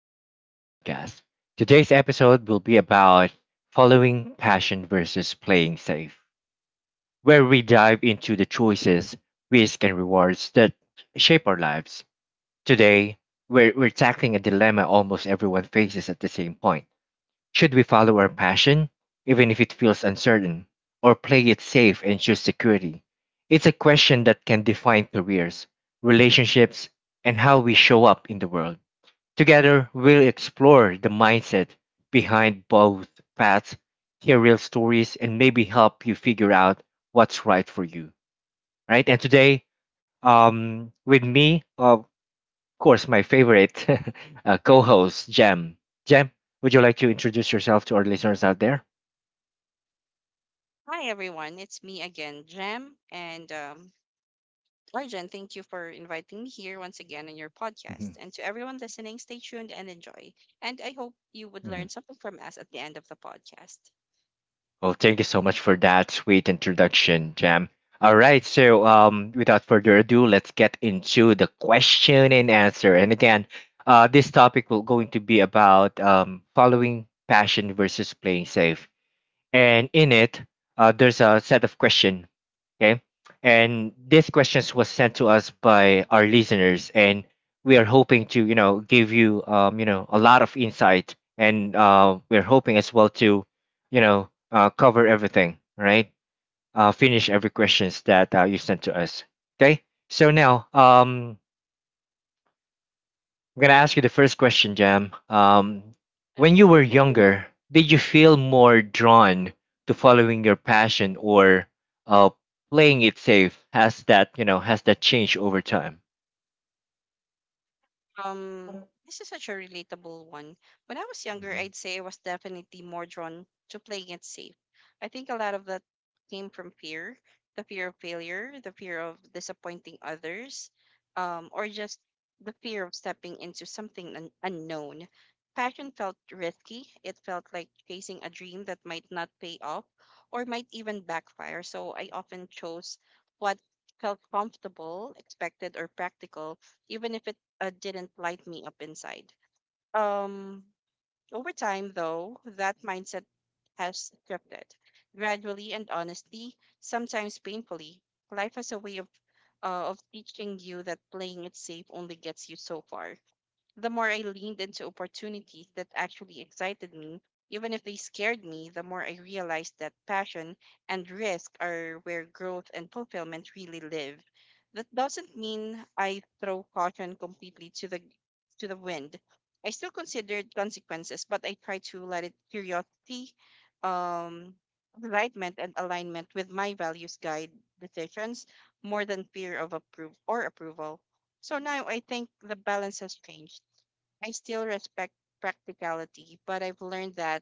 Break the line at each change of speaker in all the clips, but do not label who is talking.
to Argent's podcast. Today's episode will be about following passion versus playing safe, where we dive into the choices, risks, and rewards that shape our lives. Today, we're tackling a dilemma almost everyone faces at the same point. Should we follow our passion, even if it feels uncertain, or play it safe and choose security? It's a question that can define careers, relationships, and how we show up in the world. Together, we'll explore the mindset behind both paths, hear real stories, and maybe help you figure out what's right for you. Right? And today, with me, of course, my favorite co host, Jem. Jem, would you like to introduce yourself to our listeners out there?
Hi everyone, it's me again, Jem, and Arjan. Thank you for inviting me here once again on your podcast.
Mhm,
And to everyone listening, stay tuned and enjoy. And I hope you would learn
mhm.
something from us at the end of the podcast.
Well, thank you so much for that sweet introduction, Jam. All right, so without further ado, let's get into the question and answer. And again, this topic will going to be about following passion versus playing safe and in it there's a set of question, okay, and these questions was sent to us by our listeners and we are hoping to, you know, give you, you know, a lot of insight and we're hoping as well to, you know, cover everything, right, finish every questions that you sent to us, okay, so now, I'm gonna ask you the first question, Jam. When you were younger, did you feel more drawn to following your passion or uh, playing it safe? Has that, you know, has that changed over time?
This is such a relatable one. When I was younger,
Mm-hmm.
I'd say I was definitely more drawn to playing it safe. I think a lot of that came from fear, the fear of failure, the fear of disappointing others, or just the fear of stepping into something unknown. Passion felt risky. It felt like chasing a dream that might not pay off or might even backfire. So I often chose what felt comfortable, expected, or practical even if it didn't light me up inside. Um, Over time, though, that mindset has shifted. Gradually and honestly, sometimes painfully, life has a way of, of teaching you that playing it safe only gets you so far. The more I leaned into opportunities that actually excited me, even if they scared me, the more I realized that passion and risk are where growth and fulfillment really live. That doesn't mean I throw caution completely to the wind. I still consider consequences, but I try to let it curiosity, um, enlightenment, and alignment with my values guide decisions more than fear of approve or approval. So now I think the balance has changed. I still respect practicality, but I've learned that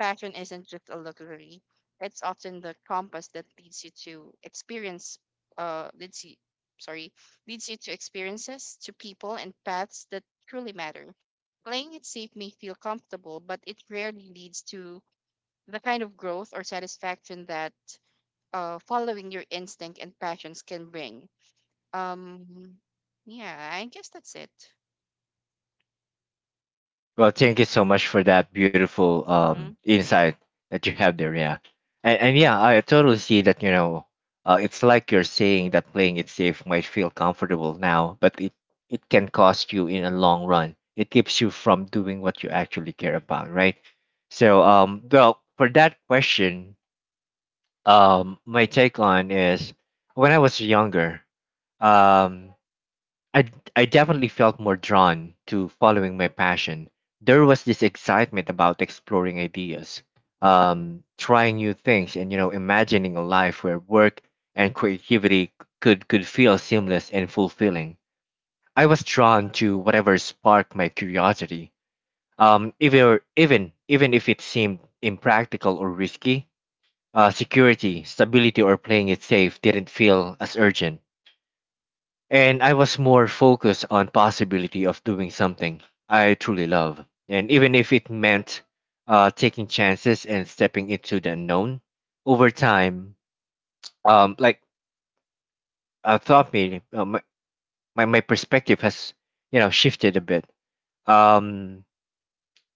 passion isn't just a luxury. It's often the compass that leads you to experience, leads you, sorry, leads you to experiences, to people, and paths that truly matter. Playing it safe may feel comfortable, but it rarely leads to the kind of growth or satisfaction that following your instinct and passions can bring. Um, yeah, I guess that's it.
Well, thank you so much for that beautiful
Hmm.
insight that you have there. Yeah, and
Hmm.
yeah, I totally see that. You know, it's like you're saying that playing it safe might feel comfortable now, but it can cost you in a long run. It keeps you from doing what you actually care about, right? So, well, for that question, my take on is when I was younger, um, I, d- I definitely felt more drawn to following my passion. There was this excitement about exploring ideas, trying new things, and, you know, imagining a life where work and creativity could feel seamless and fulfilling. I was drawn to whatever sparked my curiosity, even if it seemed impractical or risky. Security, stability, or playing it safe didn't feel as urgent and I was more focused on possibility of doing something I truly love. And even if it meant taking chances and stepping into the unknown, over time, like I thought, maybe my perspective has, you know, shifted a bit. Um,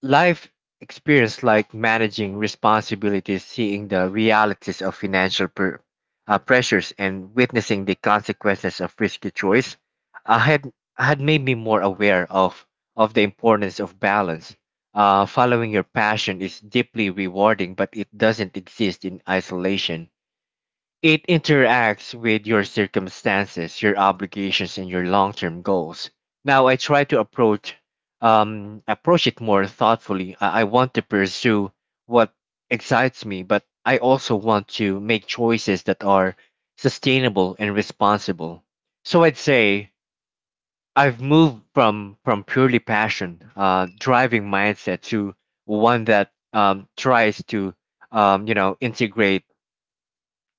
Life experience like managing responsibilities, seeing the realities of pressures, and witnessing the consequences of risky choice had made me more aware of the importance of balance. Following your passion is deeply rewarding, but it doesn't exist in isolation. It interacts with your circumstances, your obligations, and your long-term goals. Now I try to approach approach it more thoughtfully. I want to pursue what excites me, but I also want to make choices that are sustainable and responsible. So I'd say I've moved from purely passion driving mindset to one that, tries to, you know, integrate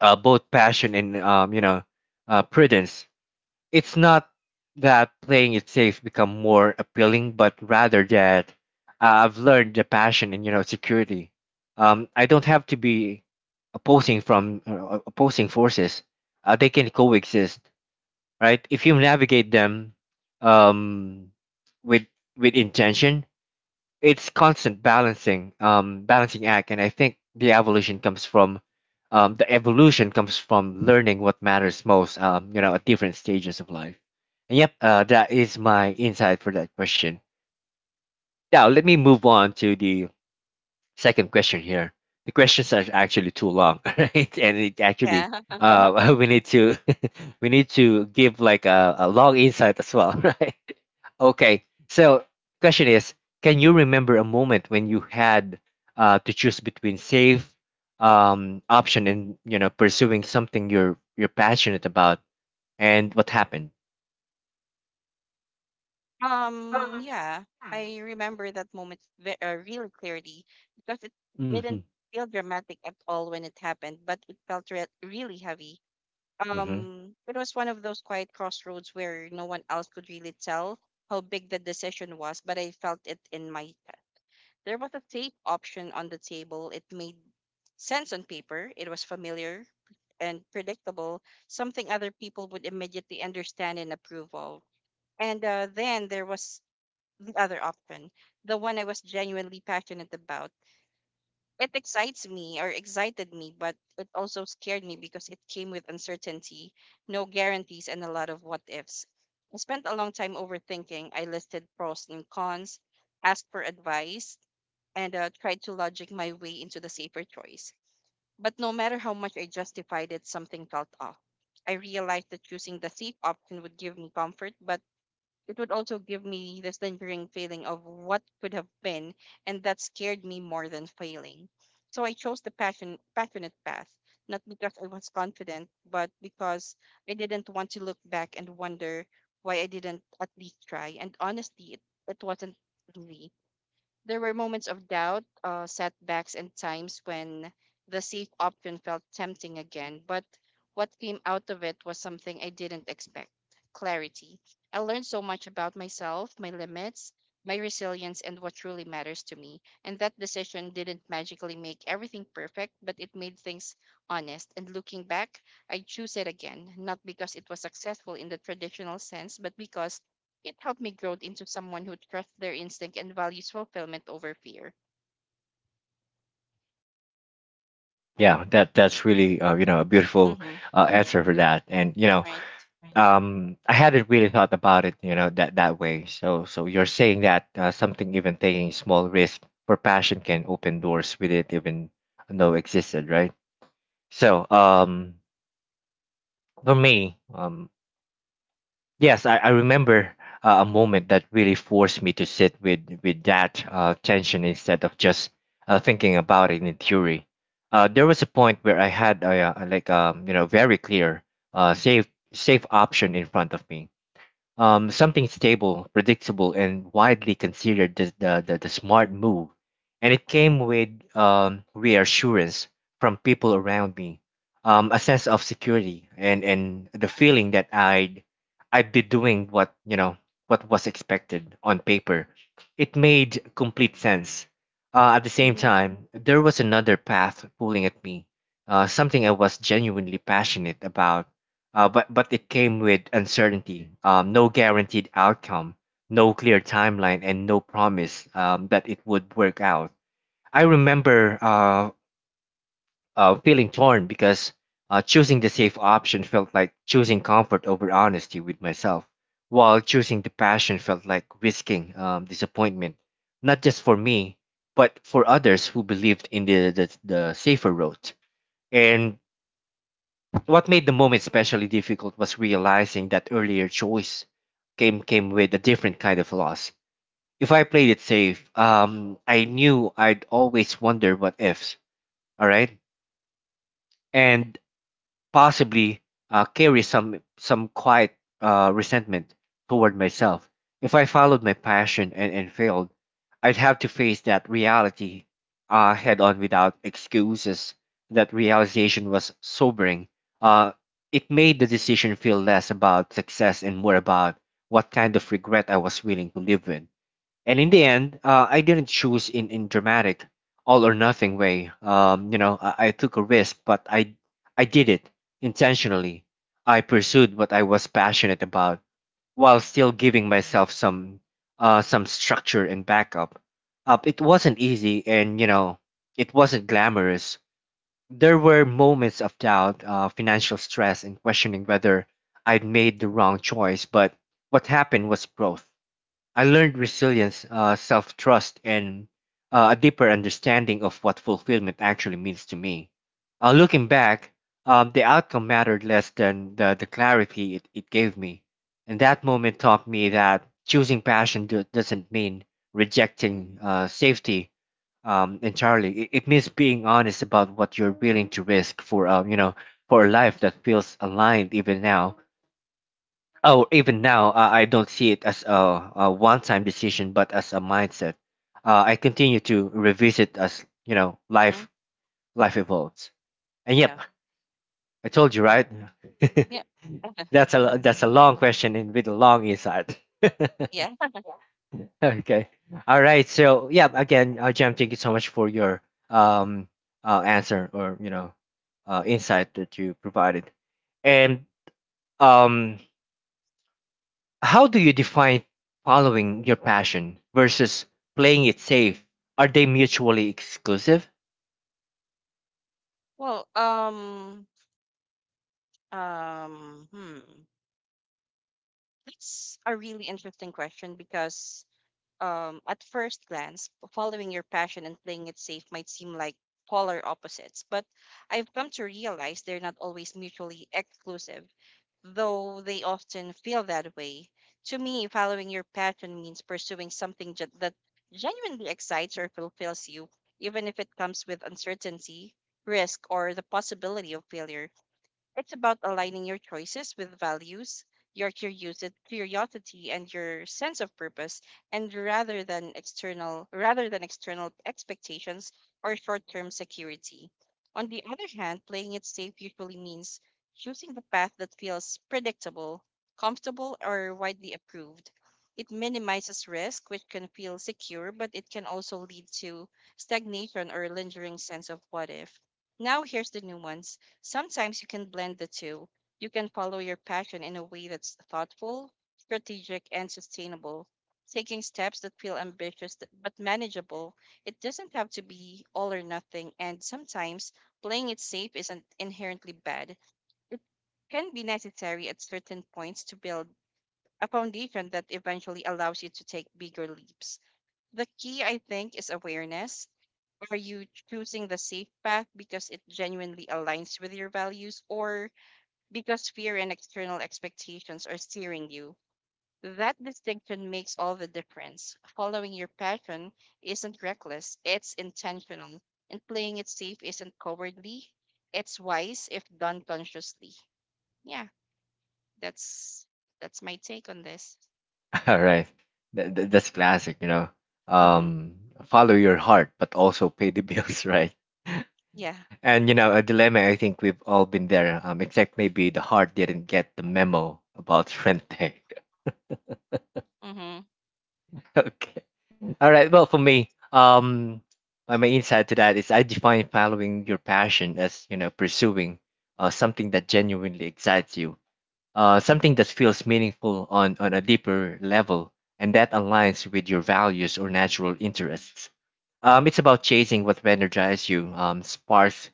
both passion and, you know, prudence. It's not that playing it safe become more appealing, but rather that I've learned the passion and, you know, security. I don't have to be opposing forces. They can coexist, right? If you navigate them, um, with with intention, it's constant balancing act, and I think the evolution comes from learning what matters most, you know, at different stages of life. And yep, that is my insight for that question. Now let me move on to the second question here. The questions are actually too long right, and it actually
Yeah.
we need to we need to give like a long insight as well, right. Okay. So, question is, can you remember a moment when you had to choose between safe option and, you know, pursuing something you're passionate about, and what happened?
Yeah, I remember that moment really clearly because it
Mm-hmm.
didn't feel dramatic at all when it happened, but it felt really heavy.
Mm-hmm.
It was one of those quiet crossroads where no one else could really tell how big the decision was, but I felt it in my chest. There was a safe option on the table. It made sense on paper. It was familiar and predictable, something other people would immediately understand and approve of. And then there was the other option, the one I was genuinely passionate about. It excites me or excited me, but it also scared me because it came with uncertainty, no guarantees, and a lot of what ifs. I spent a long time overthinking. I listed pros and cons, asked for advice, and tried to logic my way into the safer choice. But no matter how much I justified it, something felt off. I realized that choosing the safe option would give me comfort, but it would also give me this lingering feeling of what could have been, and that scared me more than failing. So I chose the passionate path, not because I was confident, but because I didn't want to look back and wonder why I didn't at least try. And honestly, it wasn't easy. There were moments of doubt, setbacks, and times when the safe option felt tempting again. But what came out of it was something I didn't expect: clarity. I learned so much about myself, my limits, my resilience, and what truly matters to me. And that decision didn't magically make everything perfect, but it made things honest. And looking back, I choose it again, not because it was successful in the traditional sense, but because it helped me grow into someone who trusts their instinct and values fulfillment over fear.
Yeah, that's really, you know, a beautiful
Mm-hmm.
answer for that, and, you know,
Right.
I hadn't really thought about it, you know, that that way. So so you're saying that, something even taking small risk for passion can open doors we it even know existed, right? So, for me, yes, I remember a moment that really forced me to sit with that tension instead of just thinking about it in theory. There was a point where I had a, like, you know, very clear uh, safe safe option in front of me, something stable, predictable, and widely considered the smart move. And it came with, reassurance from people around me, a sense of security, and the feeling that I'd be doing what, you know, what was expected on paper. It made complete sense. At the same
Mm-hmm.
time, there was another path pulling at me, something I was genuinely passionate about, but it came with uncertainty, no guaranteed outcome, no clear timeline, and no promise, that it would work out. I remember, feeling torn because, choosing the safe option felt like choosing comfort over honesty with myself, while choosing the passion felt like risking, disappointment, not just for me, but for others who believed in the safer route. And what made the moment especially difficult was realizing that earlier choice came with a different kind of loss. If I played it safe, I knew I'd always wonder what ifs. All right, and possibly carry some quiet resentment toward myself. If I followed my passion and failed, I'd have to face that reality head on without excuses. That realization was sobering. Uh, it made the decision feel less about success and more about what kind of regret I was willing to live with, and in the end, I didn't choose in dramatic all or nothing way. You know, I took a risk, but I did it intentionally. I pursued what I was passionate about while still giving myself some structure and backup. Up, it wasn't easy, and, you know, it wasn't glamorous. There were moments of doubt, financial stress, and questioning whether I'd made the wrong choice. But what happened was growth. I learned resilience, self trust, and, a deeper understanding of what fulfillment actually means to me. Looking back, the outcome mattered less than the clarity it gave me. And that moment taught me that choosing passion doesn't mean rejecting safety, entirely. It means being honest about what you're willing to risk for, you know, for a life that feels aligned even now. Oh, even now, I don't see it as a one-time decision, but as a mindset. I continue to revisit as, you know,
Mm-hmm.
life evolves. And yep,
Yeah.
I told you
Mm-hmm.
right.
Yeah. Uh-huh.
That's a long question and with a long insight.
Yeah.
Okay. All right. So yeah, again, Jam, thank you so much for your, um answer, or, you know, insight that you provided, and um how do you define following your passion versus playing it safe? Are they mutually exclusive?
Well, um, hmm. That's a really interesting question because, at first glance, following your passion and playing it safe might seem like polar opposites, but I've come to realize they're not always mutually exclusive, though they often feel that way. To me, following your passion means pursuing something that genuinely excites or fulfills you, even if it comes with uncertainty, risk, or the possibility of failure. It's about aligning your choices with values, your curiosity, and your sense of purpose, and rather than external expectations or short-term security. On the other hand, playing it safe usually means choosing the path that feels predictable, comfortable, or widely approved. It minimizes risk, which can feel secure, but it can also lead to stagnation or lingering sense of what if. Now here's the nuance. Sometimes you can blend the two. You can follow your passion in a way that's thoughtful, strategic, and sustainable, taking steps that feel ambitious but manageable. It doesn't have to be all or nothing, and sometimes playing it safe isn't inherently bad. Can be necessary at certain points to build a foundation that eventually allows you to take bigger leaps. The key, I think, is awareness. Are you choosing the safe path because it genuinely aligns with your values, or because fear and external expectations are steering you. That distinction makes all the difference. Following your passion isn't reckless, it's intentional. And playing it safe isn't cowardly, it's wise if done consciously. Yeah, that's that's my take on this.
All right, that's classic. You know,
Mhm.
um, follow your heart, but also pay the bills, right?
Yeah.
And, you know, a dilemma. I think we've all been there. Except maybe the heart didn't get the memo about rent day.
Mhm.
Okay. All right. Well, for me, my insight to that is I define following your passion as, you know, pursuing something that genuinely excites you, something that feels meaningful on a deeper level and that aligns with your values or natural interests. It's about chasing what energizes you, sparks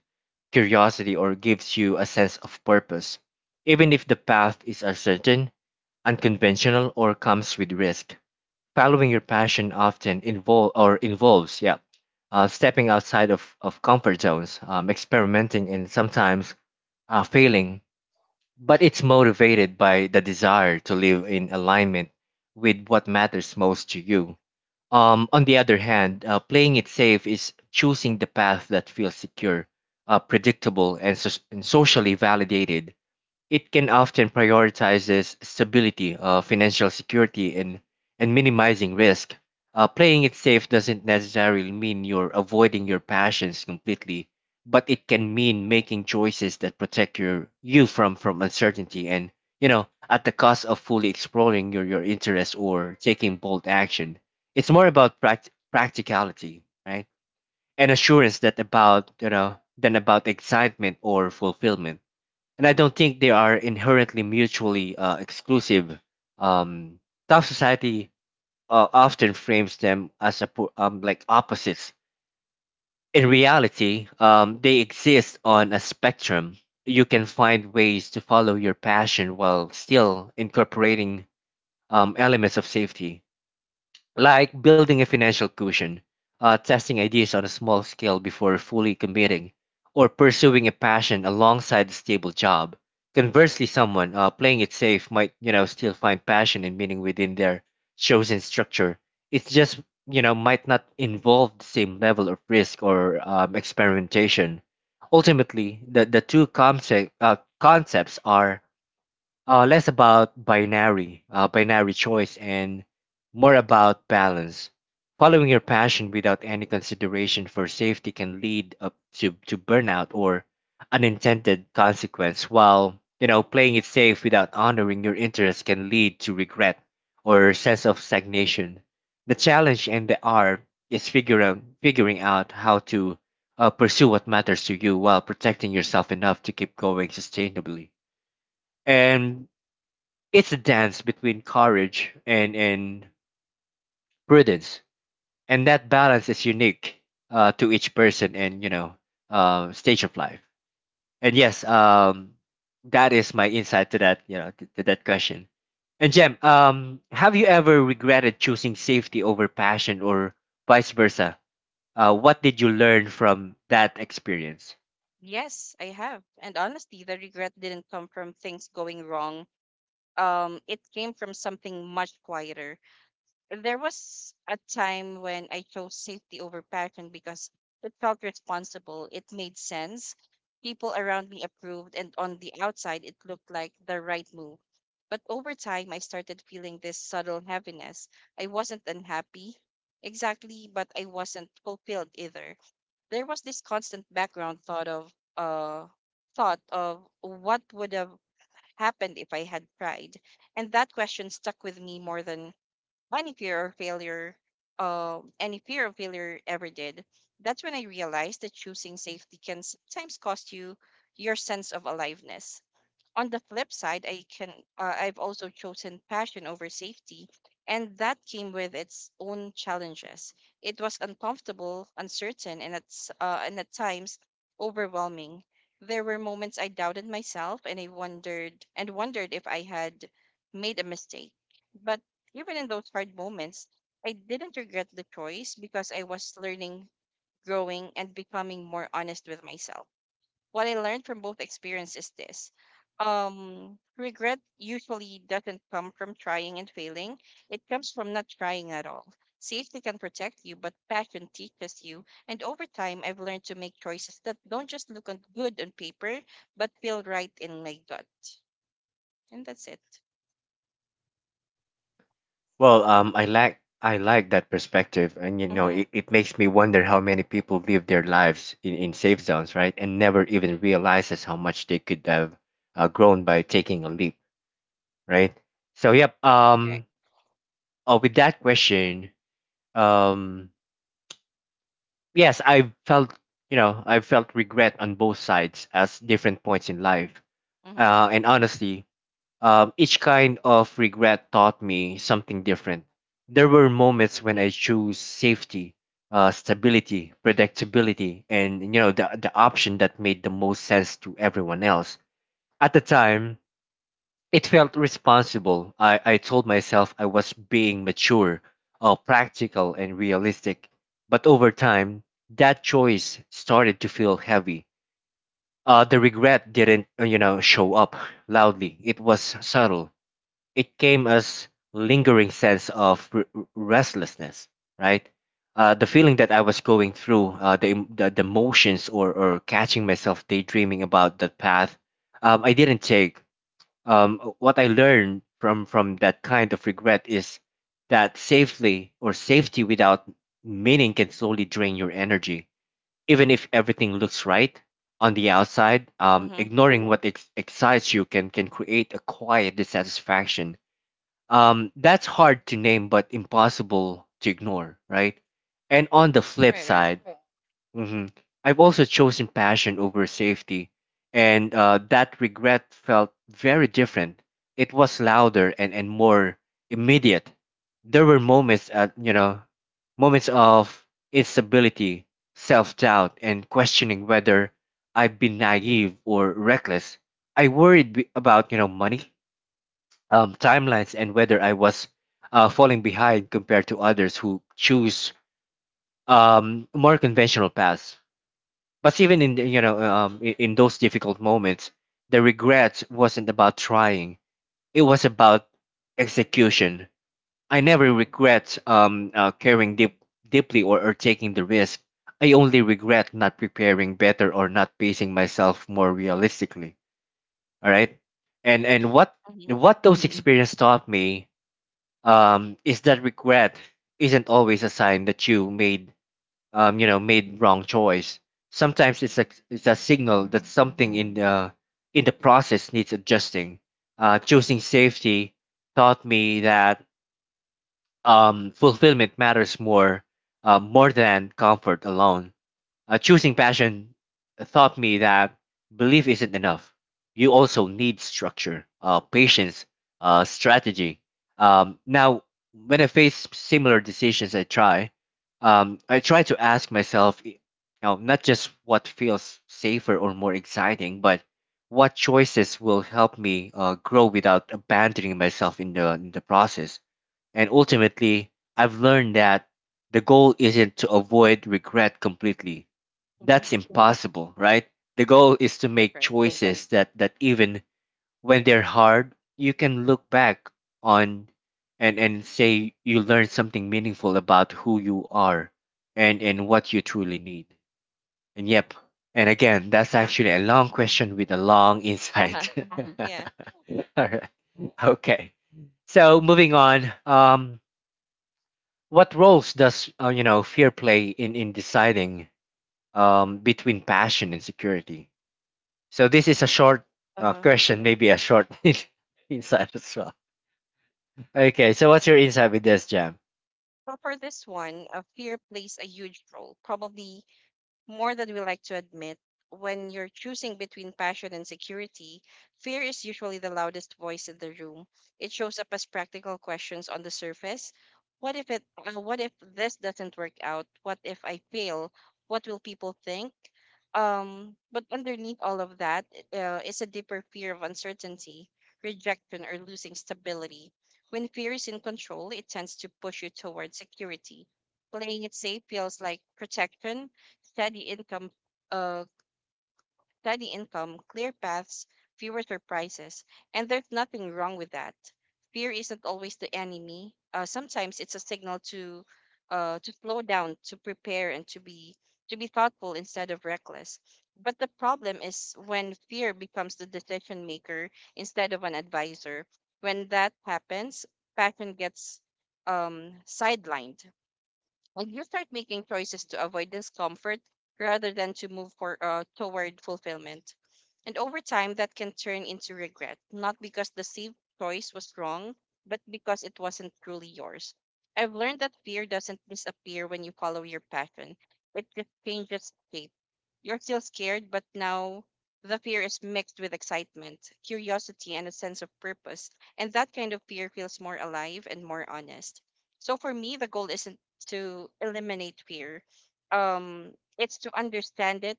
curiosity, or gives you a sense of purpose, even if the path is uncertain, unconventional, or comes with risk. Following your passion often involves, yeah, stepping outside of comfort zones, experimenting, and sometimes failing, but it's motivated by the desire to live in alignment with what matters most to you. On the other hand, playing it safe is choosing the path that feels secure, predictable, and, and socially validated. It can often prioritizes stability, financial security, and minimizing risk. Playing it safe doesn't necessarily mean you're avoiding your passions completely, but it can mean making choices that protect you from uncertainty and at the cost of fully exploring your interests or taking bold action. It's more about practicality, right, and assurance that about you know than about excitement or fulfillment, and I don't think they are inherently mutually exclusive. Um, Tough society often frames them as like opposites. In reality, they exist on a spectrum. You can find ways to follow your passion while still incorporating elements of safety, like building a financial cushion, testing ideas on a small scale before fully committing, or pursuing a passion alongside a stable job. Conversely, someone playing it safe might, you know, still find passion and meaning within their chosen structure. It's just, you know, might not involve the same level of risk or experimentation. Ultimately, the concepts are less about binary binary choice and more about balance. Following your passion without any consideration for safety can lead up to burnout or unintended consequence, while, you know, playing it safe without honoring your interests can lead to regret or sense of stagnation. The challenge and the art is figuring out how to pursue what matters to you while protecting yourself enough to keep going sustainably. And it's a dance between courage and prudence, and that balance is unique to each person and, you know, stage of life. And yes, that is my insight to that, you know, to that question. And Jem, have you ever regretted choosing safety over passion, or vice versa? What did you learn from that experience?
Yes, I have. And honestly, the regret didn't come from things going wrong. It came from something much quieter. There was a time when I chose safety over passion because it felt responsible. It made sense. People around me approved, and on the outside, it looked like the right move. But over time, I started feeling this subtle heaviness. I wasn't unhappy exactly, but I wasn't fulfilled either. There was this constant background uh, thought of what would have happened if I had tried, and that question stuck with me more than any fear of failure, any fear of failure ever did. That's when I realized that choosing safety can sometimes cost you your sense of aliveness. On the flip side, I've also chosen passion over safety, and that came with its own challenges. It was uncomfortable, uncertain, and at times overwhelming. There were moments I doubted myself, and I wondered and wondered if I had made a mistake. But even in those hard moments, I didn't regret the choice because I was learning, growing, and becoming more honest with myself. What I learned from both experiences is this. Regret usually doesn't come from trying and failing. It comes from not trying at all. Safety can protect you, but passion teaches you. And over time, I've learned to make choices that don't just look on good on paper, but feel right in my gut. And that's it.
Well, I like that perspective, and you know,
Mm-hmm.
it makes me wonder how many people live their lives in safe zones, right, and never even realizes how much they could have grown by taking a leap, right? So, yep.
Correct.
Oh, with that question, um, yes, I felt, you know, I felt regret on both sides as different points in life,
Mm-hmm.
and honestly, each kind of regret taught me something different. There were moments when I chose safety, stability, predictability, and, you know, the option that made the most sense to everyone else. At the time, it felt responsible. I told myself I was being mature, practical, and realistic. But over time, that choice started to feel heavy. The regret didn't, you know, show up loudly. It was subtle. It came as lingering sense of restlessness, right, the feeling that I was going through the motions, or catching myself daydreaming about that path I didn't take. What I learned from that kind of regret is that safely or safety without meaning can slowly drain your energy, even if everything looks right on the outside.
Mm-hmm.
Ignoring what excites you can create a quiet dissatisfaction that's hard to name, but impossible to ignore, right? And on the flip
Right, right.
side, mhm, I've also chosen passion over safety, and that regret felt very different. It was louder and more immediate. There were moments at, you know, moments of instability, self-doubt, and questioning whether I've been naive or reckless. I worried about, you know, money, timelines, and whether I was falling behind compared to others who choose more conventional paths. But even in you know, in those difficult moments, the regret wasn't about trying; it was about execution. I never regret caring deeply, or taking the risk. I only regret not preparing better or not pacing myself more realistically. All right, and
Mm-hmm. Mm-hmm.
what those Mm-hmm. experiences taught me is that regret isn't always a sign that you made you know made wrong choice. Sometimes it's a signal that something in the process needs adjusting. Choosing safety taught me that fulfillment matters more more than comfort alone. Choosing passion taught me that belief isn't enough. You also need structure, patience, strategy. Now, when I face similar decisions, I try to ask myself, you know, not just what feels safer or more exciting, but what choices will help me grow without abandoning myself in the process. And ultimately, I've learned that the goal isn't to avoid regret completely.
Mm-hmm.
That's Yeah. impossible, right? The goal is to
Right,
make Exactly.
right.
choices that even when they're hard, you can look back on and say you learned something meaningful about who you are and what you truly need. And yep. And again, that's actually a
Mhm.
long question with a long
Uh-huh.
insight.
Yeah.
All right. Okay. So moving on, what roles does you know fear play in deciding between passion and security? So this is a short
Uh-huh.
question, maybe a short insight as well. Okay, so what's your insight with this, Jam?
Well, for this one, fear plays a huge role, probably more than we like to admit. When you're choosing between passion and security, fear is usually the loudest voice in the room. It shows up as practical questions on the surface. What if this doesn't work out? What if I fail? What will people think? But underneath all of that is a deeper fear of uncertainty, rejection, or losing stability. When fear is in control, it tends to push you towards security. Playing it safe feels like protection, steady income, uh, steady income, clear paths, fewer surprises, and there's nothing wrong with that. Fear isn't always the enemy. Sometimes it's a signal to slow down, to prepare, and to be thoughtful instead of reckless. But the problem is when fear becomes the decision maker instead of an advisor. When that happens, passion gets sidelined. Like you start making choices to avoid discomfort rather than to toward fulfillment. And over time, that can turn into regret, not because the safe choice was wrong, but because it wasn't truly yours. I've learned that fear doesn't disappear when you follow your passion, it just changes shape. You're still scared, but now the fear is mixed with excitement, curiosity, and a sense of purpose. And that kind of fear feels more alive and more honest. So for me, the goal isn't to eliminate fear. It's to understand it,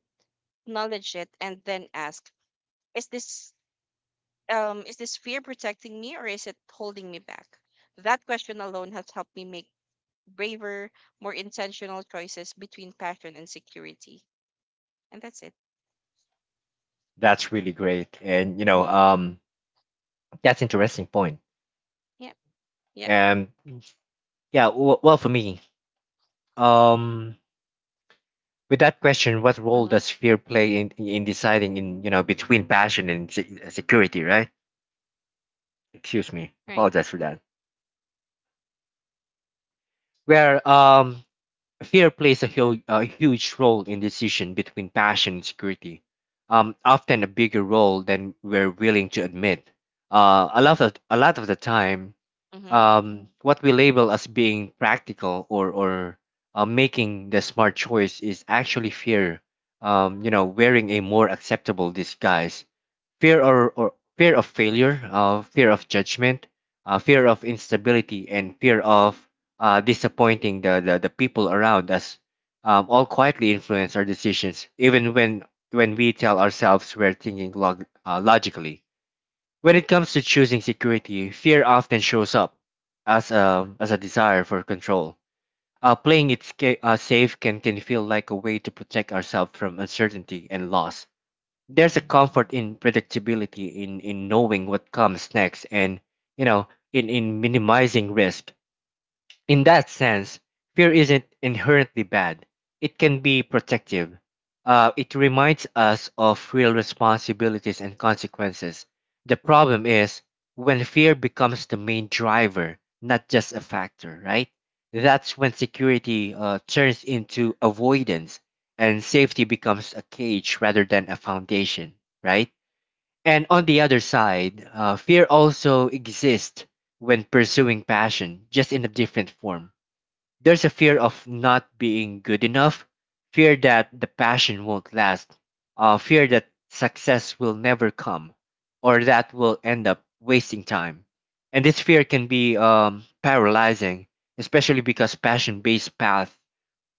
acknowledge it, and then ask: Is this is this fear protecting me, or is it holding me back? That question alone has helped me make braver, more intentional choices between passion and security. And that's it.
That's really great, and you know,
Mm-hmm.
that's interesting point.
Yep. Yep.
And yeah, well, for me, um, with that question, what role
Mm-hmm.
does fear play in deciding in, you know, between passion and security, right? Excuse me,
Right.
apologize for that. Where fear plays a, a huge role in decision between passion and security, often a bigger role than we're willing to admit. A lot of the time,
Mm-hmm.
what we label as being practical or making the smart choice is actually fear. You know, wearing a more acceptable disguise, fear or fear of failure, fear of judgment, fear of instability, and fear of disappointing the people around us, all quietly influence our decisions, even when we tell ourselves we're thinking logically. When it comes to choosing security, fear often shows up as a desire for control. Playing it safe can feel like a way to protect ourselves from uncertainty and loss. There's a comfort in predictability, in knowing what comes next, and, you know, in minimizing risk. In that sense, fear isn't inherently bad. It can be protective. It reminds us of real responsibilities and consequences. The problem is when fear becomes the main driver, not just a factor, right? That's when security turns into avoidance, and safety becomes a cage rather than a foundation, right? And on the other side, fear also exists when pursuing passion, just in a different form. There's a fear of not being good enough, fear that the passion won't last, fear that success will never come, or that we'll end up wasting time. And this fear can be paralyzing, especially because passion based paths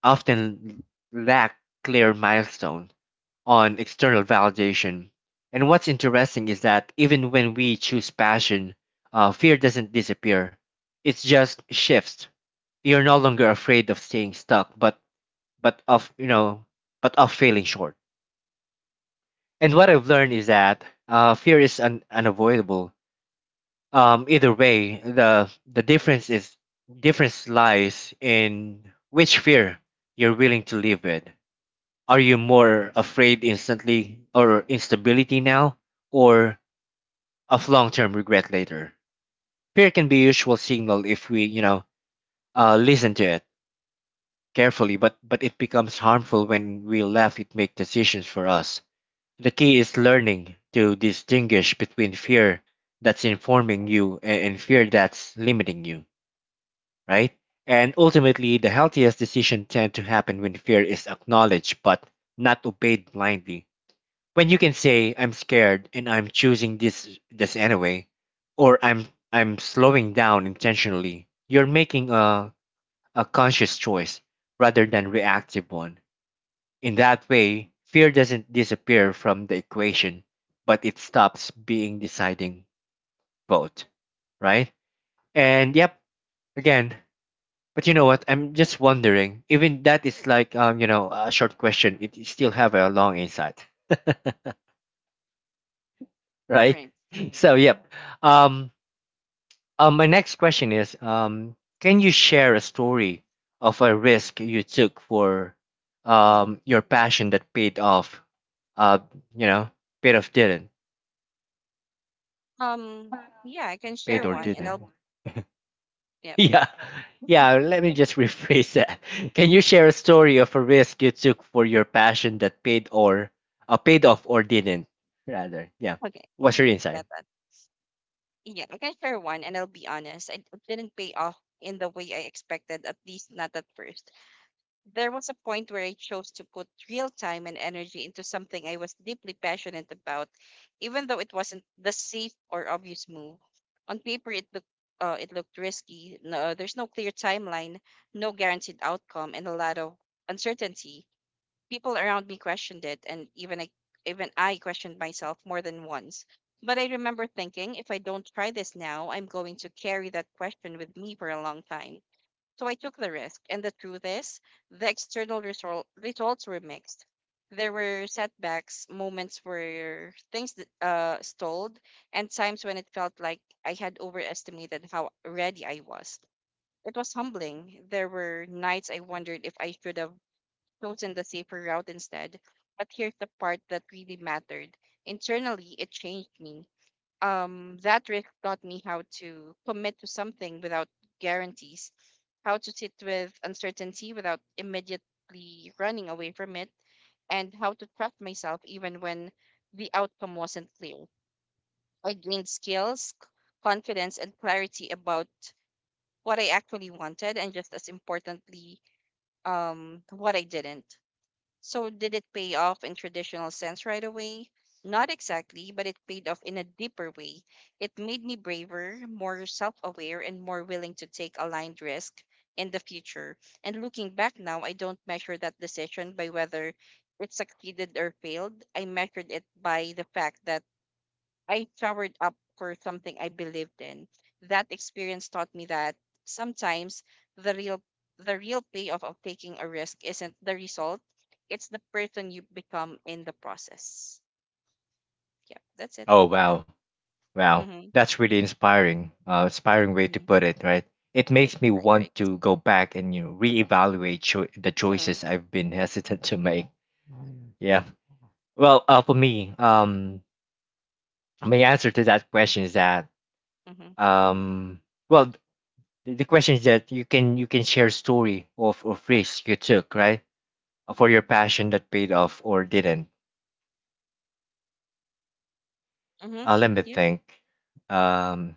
often lack clear milestone on external validation. And what's interesting is that even when we choose passion, fear doesn't disappear, it just shifts. You're no longer afraid of staying stuck, but of, you know, but of failing short. And what I've learned is that fear is unavoidable either way. The difference is difference lies in which fear you're willing to live with. Are you more afraid instantly or instability now, or of long-term regret later? Fear can be a usual signal if we, you know, listen to it carefully, but it becomes harmful when we let it make decisions for us. The key is learning to distinguish between fear that's informing you and fear that's limiting you, right? And ultimately, the healthiest decisions tend to happen when fear is acknowledged but not obeyed blindly. When you can say, I'm scared and I'm choosing this anyway, or I'm slowing down intentionally, you're making a conscious choice rather than reactive one. In that way, fear doesn't disappear from the equation, but it stops being deciding vote, right? And yep, again, but you know what? I'm just wondering. Even that is like, you know, a short question. It still have a long insight, right?
Right.
So yep. Um, my next question is, can you share a story of a risk you took for
Mm-hmm.
your passion that paid off? Uh, you know, paid off didn't.
Yeah, I can share one, and I'll. Yep.
Yeah, yeah, let me just rephrase that. Can you share a story of a risk you took for your passion that paid or paid off or didn't? Rather, yeah.
Okay. Yeah.
What's your
I
insight?
got Yeah, I can share one, and I'll be honest, it didn't pay off in the way I expected, at least not at first. There was a point where I chose to put real time and energy into something I was deeply passionate about, even though it wasn't the safe or obvious move. On paper, it looked risky. No, there's no clear timeline, no guaranteed outcome, and a lot of uncertainty people around me questioned it and even I questioned myself more than once. But I remember thinking if I don't try this now, I'm going to carry that question with me for a long time. So I took the risk and the truth is the external results were mixed. There were setbacks, moments where things stalled, and times when it felt like I had overestimated how ready I was. It was humbling. There were nights I wondered if I should have chosen the safer route instead. But here's the part that really mattered. Internally, it changed me. That risk taught me how to commit to something without guarantees, how to sit with uncertainty without immediately running away from it, and how to trust myself even when the outcome wasn't clear. I gained skills, confidence, and clarity about what I actually wanted, and just as importantly, what I didn't. So, did it pay off in traditional sense right away? Not exactly, but it paid off in a deeper way. It made me braver, more self aware, and more willing to take aligned risk in the future. And looking back now, I don't measure that decision by whether it succeeded or failed. I measured it by the fact that I showered up for something I believed in. That experience taught me that sometimes the real the real payoff of taking a risk isn't the result, it's the person you become in the process. Yeah, that's it.
Oh wow, wow,
Mm-hmm.
that's really inspiring. Inspiring way to
Mm-hmm.
put it, right? It makes me
Right,
want
right.
to go back and, you know, reevaluate the
Mm-hmm.
choices I've been hesitant to make. Yeah.
Mm-hmm.
Well, uh, for me, um, my answer to that question is that
Mm-hmm.
um, well, the question is that you can share story of risk you took, right? For your passion that paid off or didn't.
Mm-hmm.
uh, let me
Yeah.
think um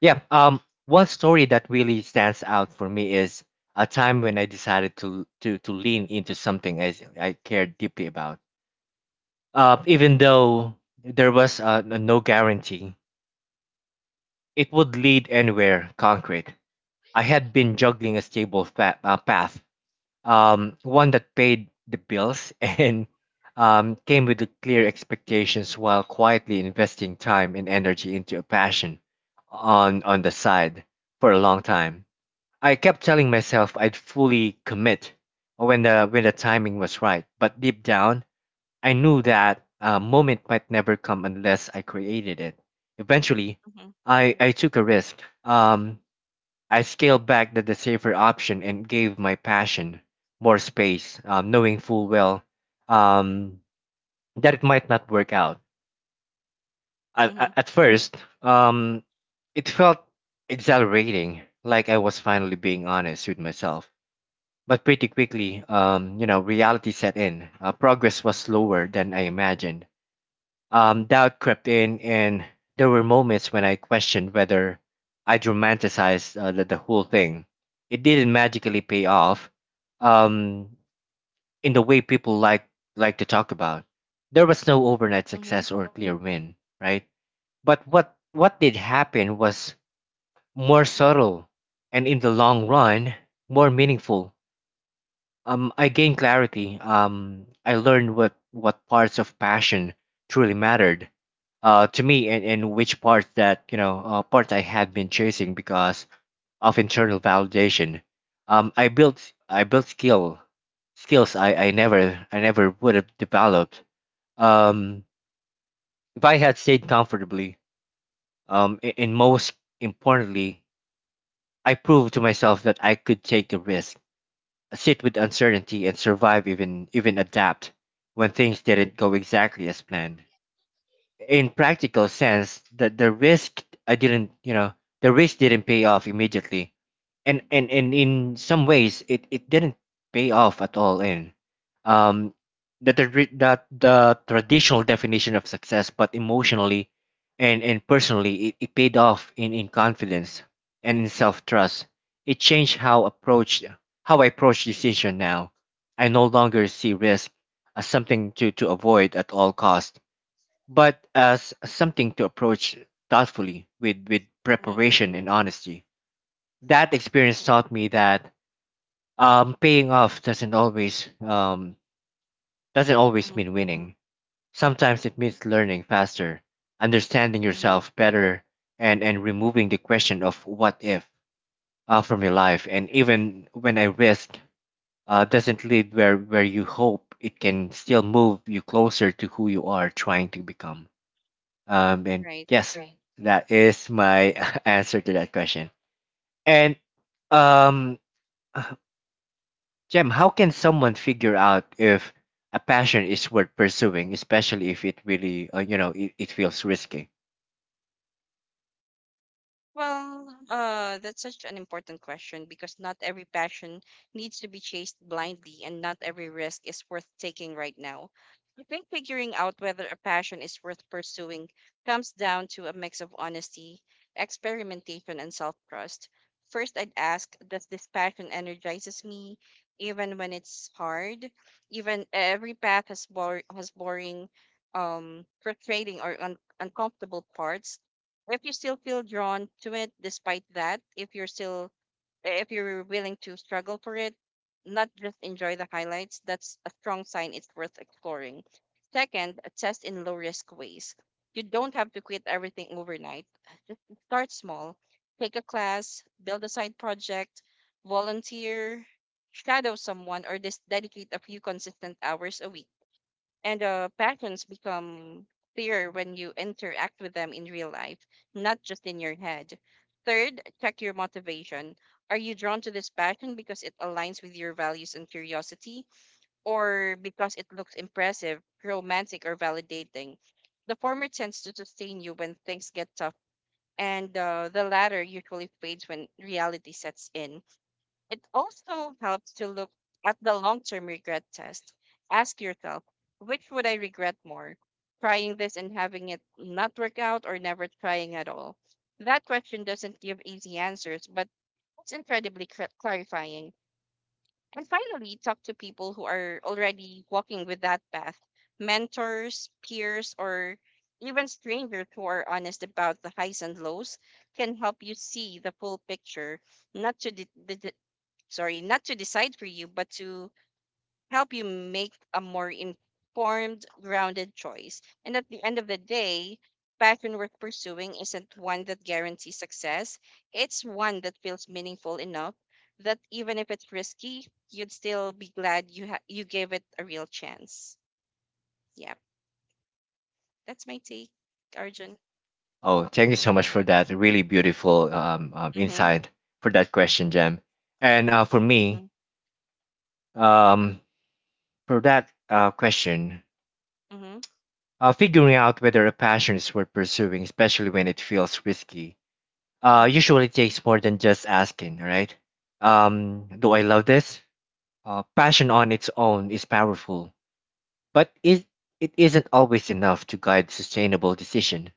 yeah um one story that really stands out for me is a time when I decided to to lean into something I cared deeply about, even though there was no guarantee it would lead anywhere concrete. I had been juggling a stable path, one that paid the bills and came with the clear expectations while quietly investing time and energy into
Mm-hmm.
a passion on the side for a long time. I kept telling myself I'd fully commit when the timing was right, but deep down I knew that moment might never come unless I created it. Eventually,
Mm-hmm.
I took a risk. Um, I scaled back the safer option and gave my passion more space, knowing full well, um, that it might not work out. At,
Mm-hmm.
at at first, um, it felt exhilarating, like I was finally being honest with myself. But pretty quickly, reality set in. Progress was slower than I imagined. Doubt crept in, and there were moments when I questioned whether I'd romanticized the whole thing. It didn't magically pay off, um, in the way people like to talk about. There was no overnight
Mm-hmm.
success or clear win, right? But what did happen was more subtle, and in the long run more meaningful. I gained clarity. I learned what parts of passion truly mattered to me, and which parts that, parts I had been chasing because of internal validation. I built skills I never would have developed, Um, if I had stayed comfortably. And most importantly, I proved to myself that I could take the risk, sit with uncertainty, and survive, even adapt when things didn't go exactly as planned. In practical sense, that the risk I didn't you know the risk didn't pay off immediately, and in some ways it didn't pay off at all in um that the traditional definition of success. But emotionally and personally, it paid off in confidence and in self-trust. It changed how approach how I approach decision now. I no longer see risk as something to avoid at all cost, but as something to approach thoughtfully, with
Mm-hmm.
preparation and honesty. That experience taught me that paying off doesn't always
Mm-hmm,
mean winning. Sometimes it means learning faster, understanding
mm-hmm.
yourself better, and removing the question of what if from your life. And even when a risk doesn't lead where, you hope, it can still move you closer to who you are trying to become. And
Right.
yes, that is my answer to that question. And um, uh, Jem, how can someone figure out if a passion is worth pursuing, especially if it really, it feels risky?
Well, that's such an important question because not every passion needs to be chased blindly, and not every risk is worth taking right now. I think figuring out whether a passion is worth pursuing comes down to a mix of honesty, experimentation, and self trust. First, I'd ask: Does this passion energizes me, even when it's hard? Even every path has, has boring, frustrating, or uncomfortable parts, if you still feel drawn to it despite that, if you're still, if you're willing to struggle for it, not just enjoy the highlights, that's a strong sign it's worth exploring. Second, test in low risk ways. You don't have to quit everything overnight. Start small, take a class, build a side project, volunteer, shadow someone, or just dedicate a few consistent hours a week, and patterns become clearer when you interact with them in real life, not just in your head. Third, check your motivation. Are you drawn to this pattern because it aligns with your values and curiosity, or because it looks impressive, romantic, or validating? The former tends to sustain you when things get tough, and the latter usually fades when reality sets in. It also helps to look at the long term regret test. Ask yourself, which would I regret more? Trying this and having it not work out, or never trying at all? That question doesn't give easy answers, but it's incredibly clarifying. And finally, talk to people who are already walking with that path, mentors, peers, or even strangers who are honest about the highs and lows can help you see the full picture, not to not to decide for you, but to help you make a more informed, grounded choice. And at the end of the day, passion worth pursuing isn't one that guarantees success, it's one that feels meaningful enough that even if it's risky, you'd still be glad you gave it a real chance. Yeah, that's my take, Arjun.
Oh, thank you so much for that really beautiful
Mhm.
insight for that question, Jam. And for me,
Mhm.
um, for that question,
Mhm.
figuring out whether a passion is worth pursuing, especially when it feels risky,
Mhm.
usually takes more than just asking, all right? Do I love this? Passion on its own is powerful, but it isn't always enough to guide sustainable decision.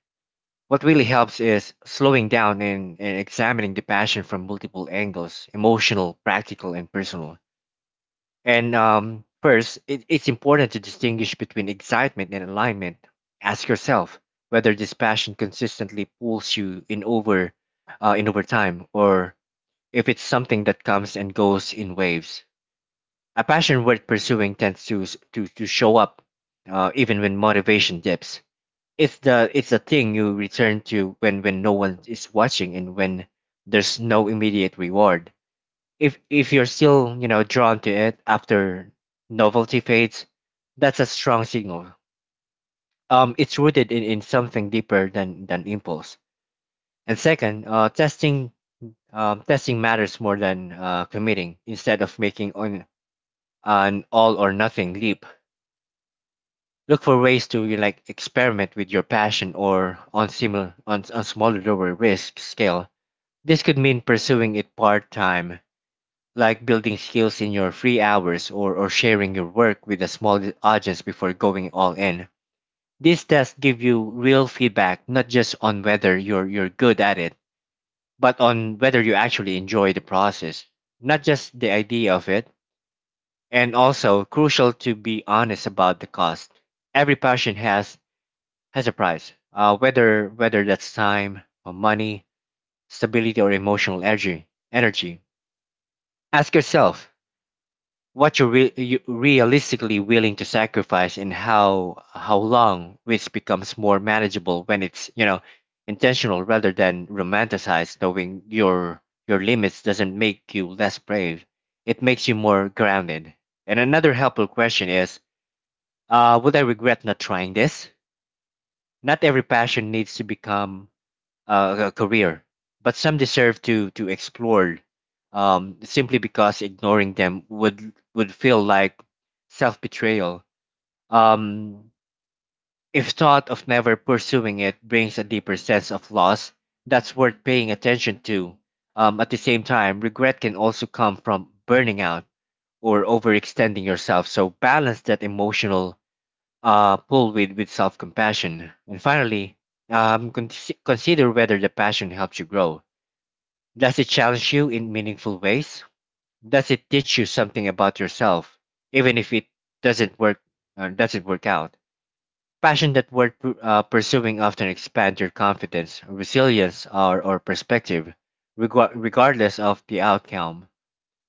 What really helps is slowing down and, examining the passion from multiple angles: emotional, practical, and personal. And First, it's important to distinguish between excitement and alignment. Ask yourself whether this passion consistently pulls you in over, in over time, or if it's something that comes and goes in waves. A passion worth pursuing tends to, to show up even when motivation dips. It's the thing you return to when no one is watching and when there's no immediate reward. If you're still, you know, drawn to it after novelty fades, that's a strong signal. It's rooted in, something deeper than impulse. And second, testing matters more than committing. Instead of making on an all or nothing leap, look for ways to, you experiment with your passion or on similar, on smaller lower risk scale. This could mean pursuing it part time, like building skills in your free hours, or sharing your work with a small audience before going all in. These tests give you real feedback, not just on whether you're good at it, but on whether you actually enjoy the process, not just the idea of it. And also crucial to be honest about the cost. Every passion has a price. Whether that's time or money, stability or emotional energy. Energy. Ask yourself what you realistically willing to sacrifice, and how long, which becomes more manageable when it's, you know, intentional rather than romanticized. Knowing your limits doesn't make you less brave; it makes you more grounded. And another helpful question is: would I regret not trying this? Not every passion needs to become a career, but some deserve to explore, simply because ignoring them would feel like self betrayal. Um, if thought of never pursuing it brings a deeper sense of loss, that's worth paying attention to. At the same time, regret can also come from burning out or overextending yourself. So balance that emotional pull with, self compassion. And finally, um, con- consider whether the passion helps you grow. Does it challenge you in meaningful ways? Does it teach you something about yourself, even if it doesn't work? Doesn't work out? Passion that worth pursuing often expand your confidence, resilience, or, perspective, regardless of the outcome.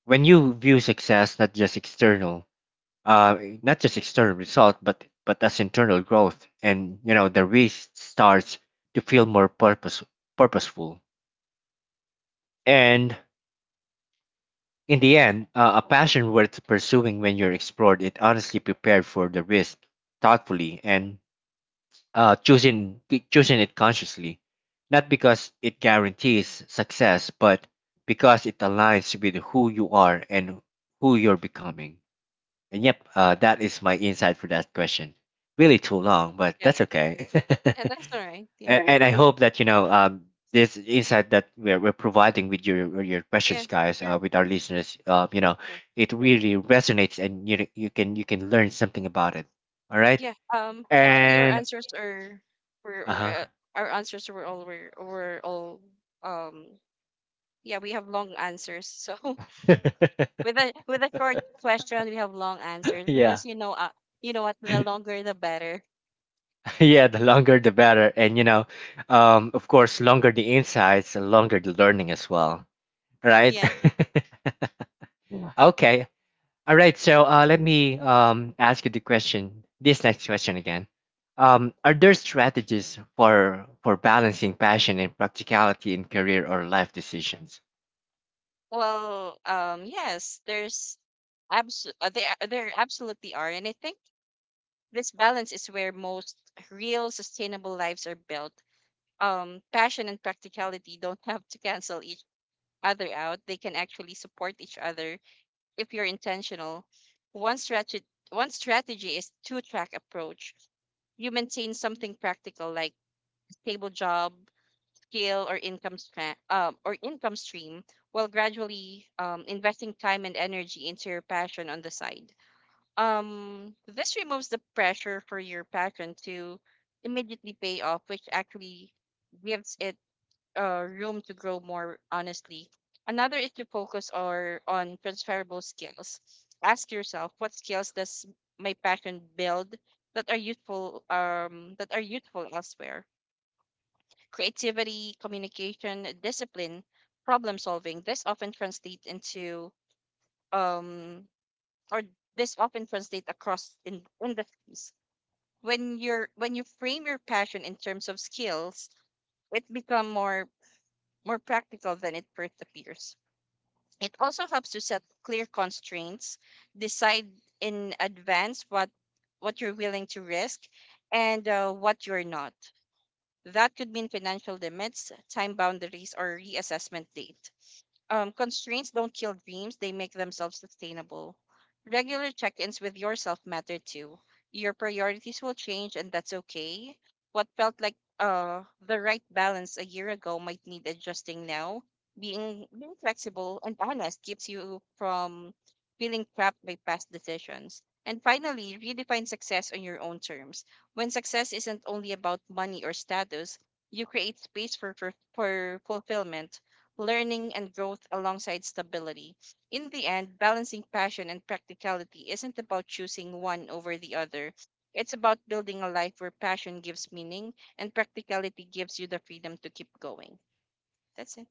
When you view success not just external, not just external result, but as internal growth, and you know the risk starts to feel more purposeful. And In the end, a passion worth pursuing when you're explored it honestly, prepared for the risk thoughtfully, and uh, choosing choosing it consciously, not because it guarantees success, but because it aligns with who you are and who you're becoming. And yep, that is my insight for that question. Really too long, but
Yeah,
that's okay.
and that's all right. Yeah.
And I Right. hope that, you know, this insight that we're providing with your
Yeah.
questions, guys, with our listeners, you know,
Yeah.
it really resonates, and you can learn something about it. All right,
Yeah. Actually, our
and
answers are
uh
were,
huh,
our answers were all were all um. Yeah, we have long answers. So with a short question, we have long answers
yeah,
because you know what, the longer the better.
yeah. The longer, the better, and you know, of course, longer the insights, the longer the learning as well. Right.
Yeah.
Okay. All right, so let me ask you the question, this next question again. Are there strategies for balancing passion and practicality in career or life decisions?
Well, yes, there's there absolutely are, and I think this balance is where most real sustainable lives are built. Passion and practicality don't have to cancel each other out, they can actually support each other if you're intentional. One strategy one strategy is two track approach. You maintain something practical like stable job, skill or income stream while gradually investing time and energy into your passion on the side. This removes the pressure for your passion to immediately pay off, which actually gives it room to grow more honestly. Another is to focus or on transferable skills. Ask yourself, what skills does my passion build that are useful elsewhere? Creativity, communication, discipline, problem solving. This often translate into um or this often translate across in industries. When you frame your passion in terms of skills, it become more practical than it first appears. It also helps to set clear constraints, decide in advance what you're willing to risk and what you're not. That could mean financial limits, time boundaries, or reassessment date. Constraints don't kill dreams, they make themselves sustainable. Regular check ins with yourself matter too. Your priorities will change, and that's okay. What felt like the right balance a year ago might need adjusting now. Being flexible and honest keeps you from feeling trapped by past decisions. And finally, redefine success on your own terms. When success isn't only about money or status, you create space for fulfillment, learning and growth alongside stability. In the end, balancing passion and practicality isn't about choosing one over the other. It's about building a life where passion gives meaning and practicality gives you the freedom to keep going. That's it.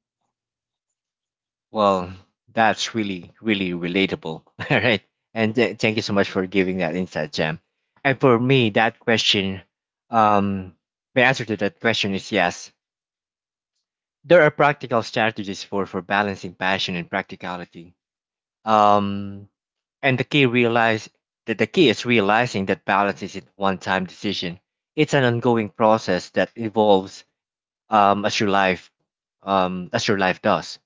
Well, that's really really relatable. All right, and thank you so much for giving that insight, Jam. And for me, that question, um, the answer to that question is yes. There are practical strategies for balancing passion and practicality. Um, and the key realize that the key is realizing that balance isn't a one-time decision. It's an ongoing process that evolves um, as your life as your life does.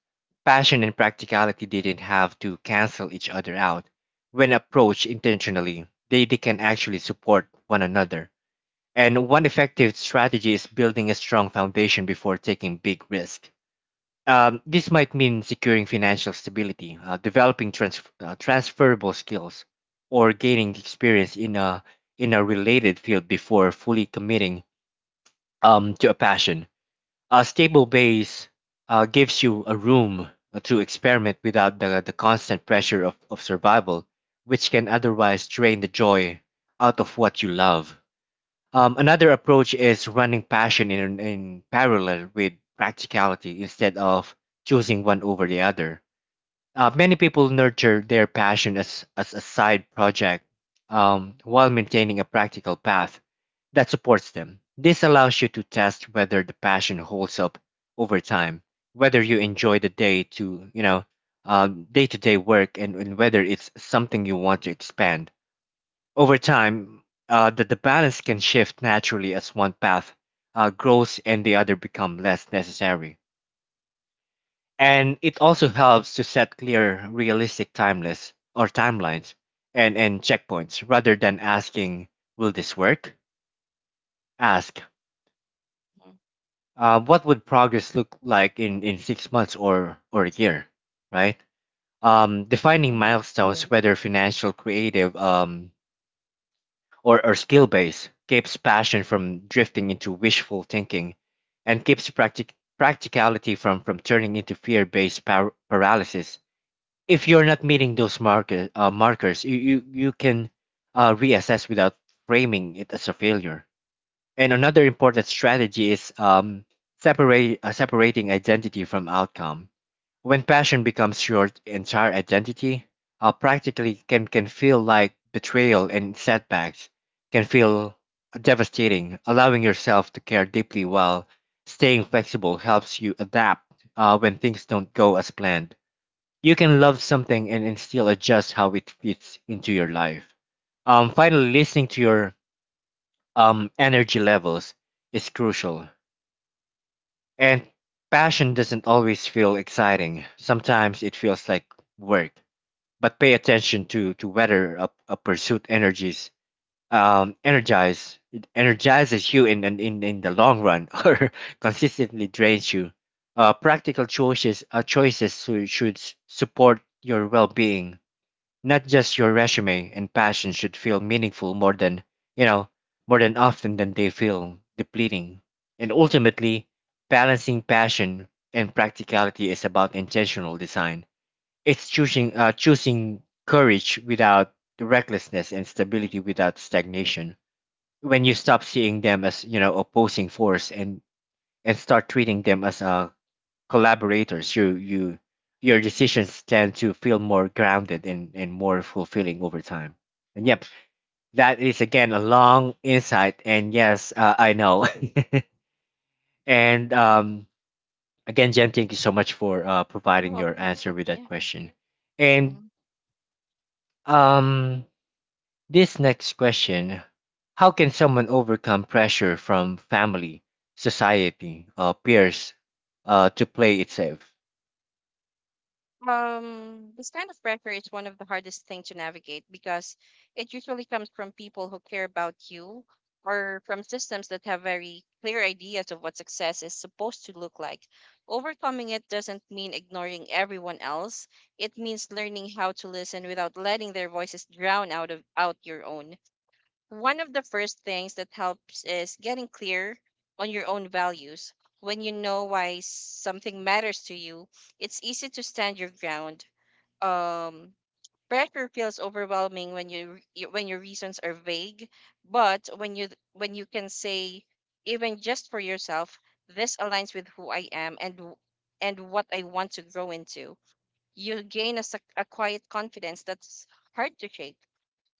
Passion and practicality didn't have to cancel each other out. When approached intentionally, they can actually support one another. And one effective strategy is building a strong foundation before taking big risks. This might mean securing financial stability, transferable skills, or gaining experience in a related field before fully committing, to a passion. A stable base gives you a room to experiment without the constant pressure of, survival, which can otherwise drain the joy out of what you love. Another approach is running passion in, parallel with practicality instead of choosing one over the other. Many people nurture their passion as, a side project, while maintaining a practical path that supports them. This allows you to test whether the passion holds up over time, whether you enjoy the day to day work, and whether it's something you want to expand. Over time, the balance can shift naturally as one path grows and the other become less necessary. And it also helps to set clear, realistic timeless or timelines and checkpoints rather than asking, will this work? Ask, what would progress look like in 6 months or a year, right? Defining
Mm-hmm.
milestones, whether financial, creative, or skill base keeps passion from drifting into wishful thinking and keeps practicality from turning into fear based paralysis. If you're not meeting those markers, you can reassess without framing it as a failure. And another important strategy is separating identity from outcome. When passion becomes your entire identity, practically can feel like betrayal, and setbacks can feel devastating. Allowing yourself to care deeply while staying flexible helps you adapt when things don't go as planned. You can love something and still adjust how it fits into your life. Finally, listening to your energy levels is crucial. And passion doesn't always feel exciting. Sometimes it feels like work, but pay attention to whether a pursuit energies energize it energizes you in the long run, or consistently drains you. Practical choices support your well-being, not just your resume, and passion should feel meaningful you know more than often than they feel depleting. And ultimately, balancing passion and practicality is about intentional design. It's choosing courage without the recklessness, and stability without stagnation. When you stop seeing them as opposing force and start treating them as collaborators, your decisions tend to feel more grounded and more fulfilling over time. And yep, that is again a long insight. And yes, I know. and Again, Jen, thank you so much for
You're
providing your
welcome.
answer with that
Yeah.
question. And
Mhm.
um, This next question: how can someone overcome pressure from family, society, peers, to play it safe?
This kind of pressure is one of the hardest things to navigate because it usually comes from people who care about you or from systems that have very clear ideas of what success is supposed to look like. Overcoming it doesn't mean ignoring everyone else. It means learning how to listen without letting their voices drown out of out your own. One of the first things that helps is getting clear on your own values. When you know why something matters to you, it's easy to stand your ground. Um, pressure feels overwhelming when you when your reasons are vague, but when you can say even just for yourself, this aligns with who I am and and what I want to grow into. You gain a, a quiet confidence that's hard to shake.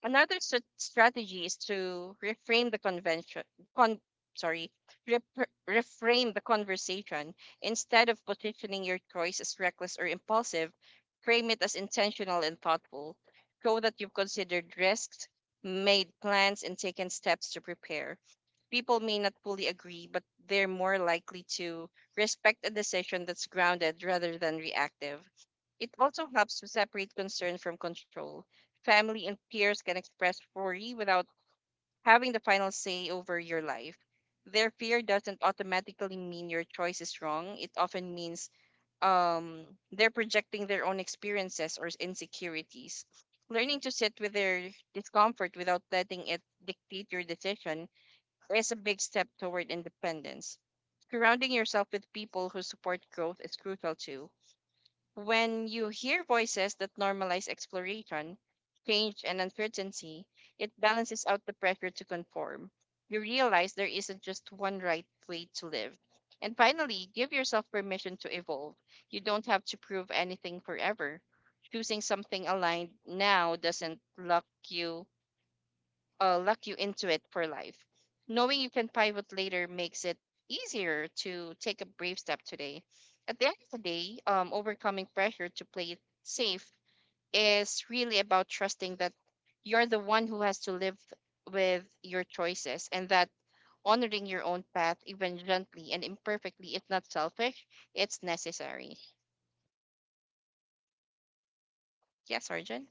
Another strategy is to reframe the convention, con sorry, rep reframe the conversation. Instead of positioning your choice as reckless or impulsive, frame it as intentional and thoughtful. Show that you've considered risks, made plans, and taken steps to prepare. People may not fully agree, but they're more likely to respect a decision that's grounded rather than reactive. It also helps to separate concern from control. Family and peers can express worry without having the final say over your life. Their fear doesn't automatically mean your choice is wrong. It often means um, they're projecting their own experiences or insecurities. Learning to sit with their discomfort without letting it dictate your decision is a big step toward independence. Surrounding yourself with people who support growth is crucial too. When you hear voices that normalize exploration, change, and uncertainty, it balances out the pressure to conform. You realize there isn't just one right way to live. And finally, give yourself permission to evolve. You don't have to prove anything forever. Choosing something aligned now doesn't lock you into it for life. Knowing you can pivot later makes it easier to take a brave step today. At the end of the day, overcoming pressure to play it safe is really about trusting that you're the one who has to live with your choices and that honoring your own path, even gently and imperfectly, is not selfish, it's necessary. Yes, Arjun?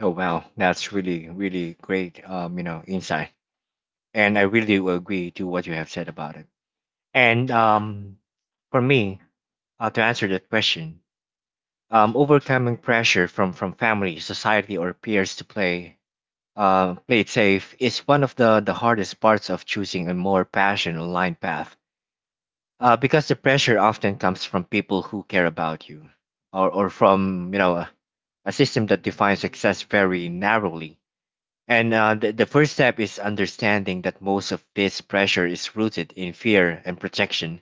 Oh, wow. That's really, really great, insight. And I really will agree to what you have said about it. And for me, to answer that question, overcoming pressure from family, society, or peers to play it safe is one of the hardest parts of choosing a more passion aligned path, because the pressure often comes from people who care about you, or from a system that defines success very narrowly. And the first step is understanding that most of this pressure is rooted in fear and protection,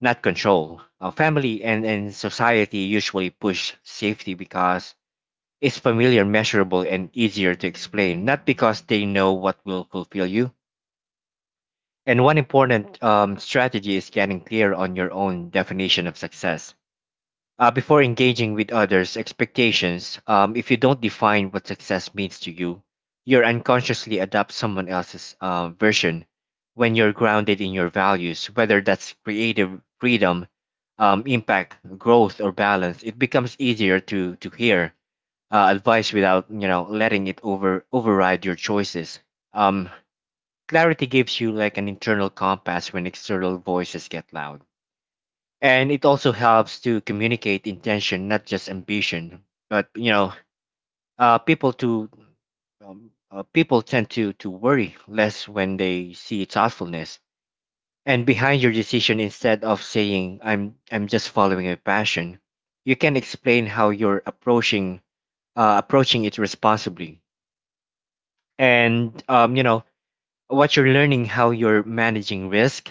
not control. Uh, family and society usually push safety because it's familiar, measurable, and easier to explain, not because they know what will fulfill you. And one important strategy is getting clear on your own definition of success before engaging with others' expectations. If you don't define what success means to you, you unconsciously adopt someone else's version. When you're grounded in your values, whether that's creative freedom, impact, growth, or balance, it becomes easier to hear advice without letting it override your choices. Um, Clarity gives you like an internal compass when external voices get loud. And it also helps to communicate intention, not just ambition. But uh, people to people tend to worry less when they see thoughtfulness and behind your decision. Instead of saying I'm just following a passion, you can explain how you're approaching it responsibly, and what you're learning, how you're managing risk,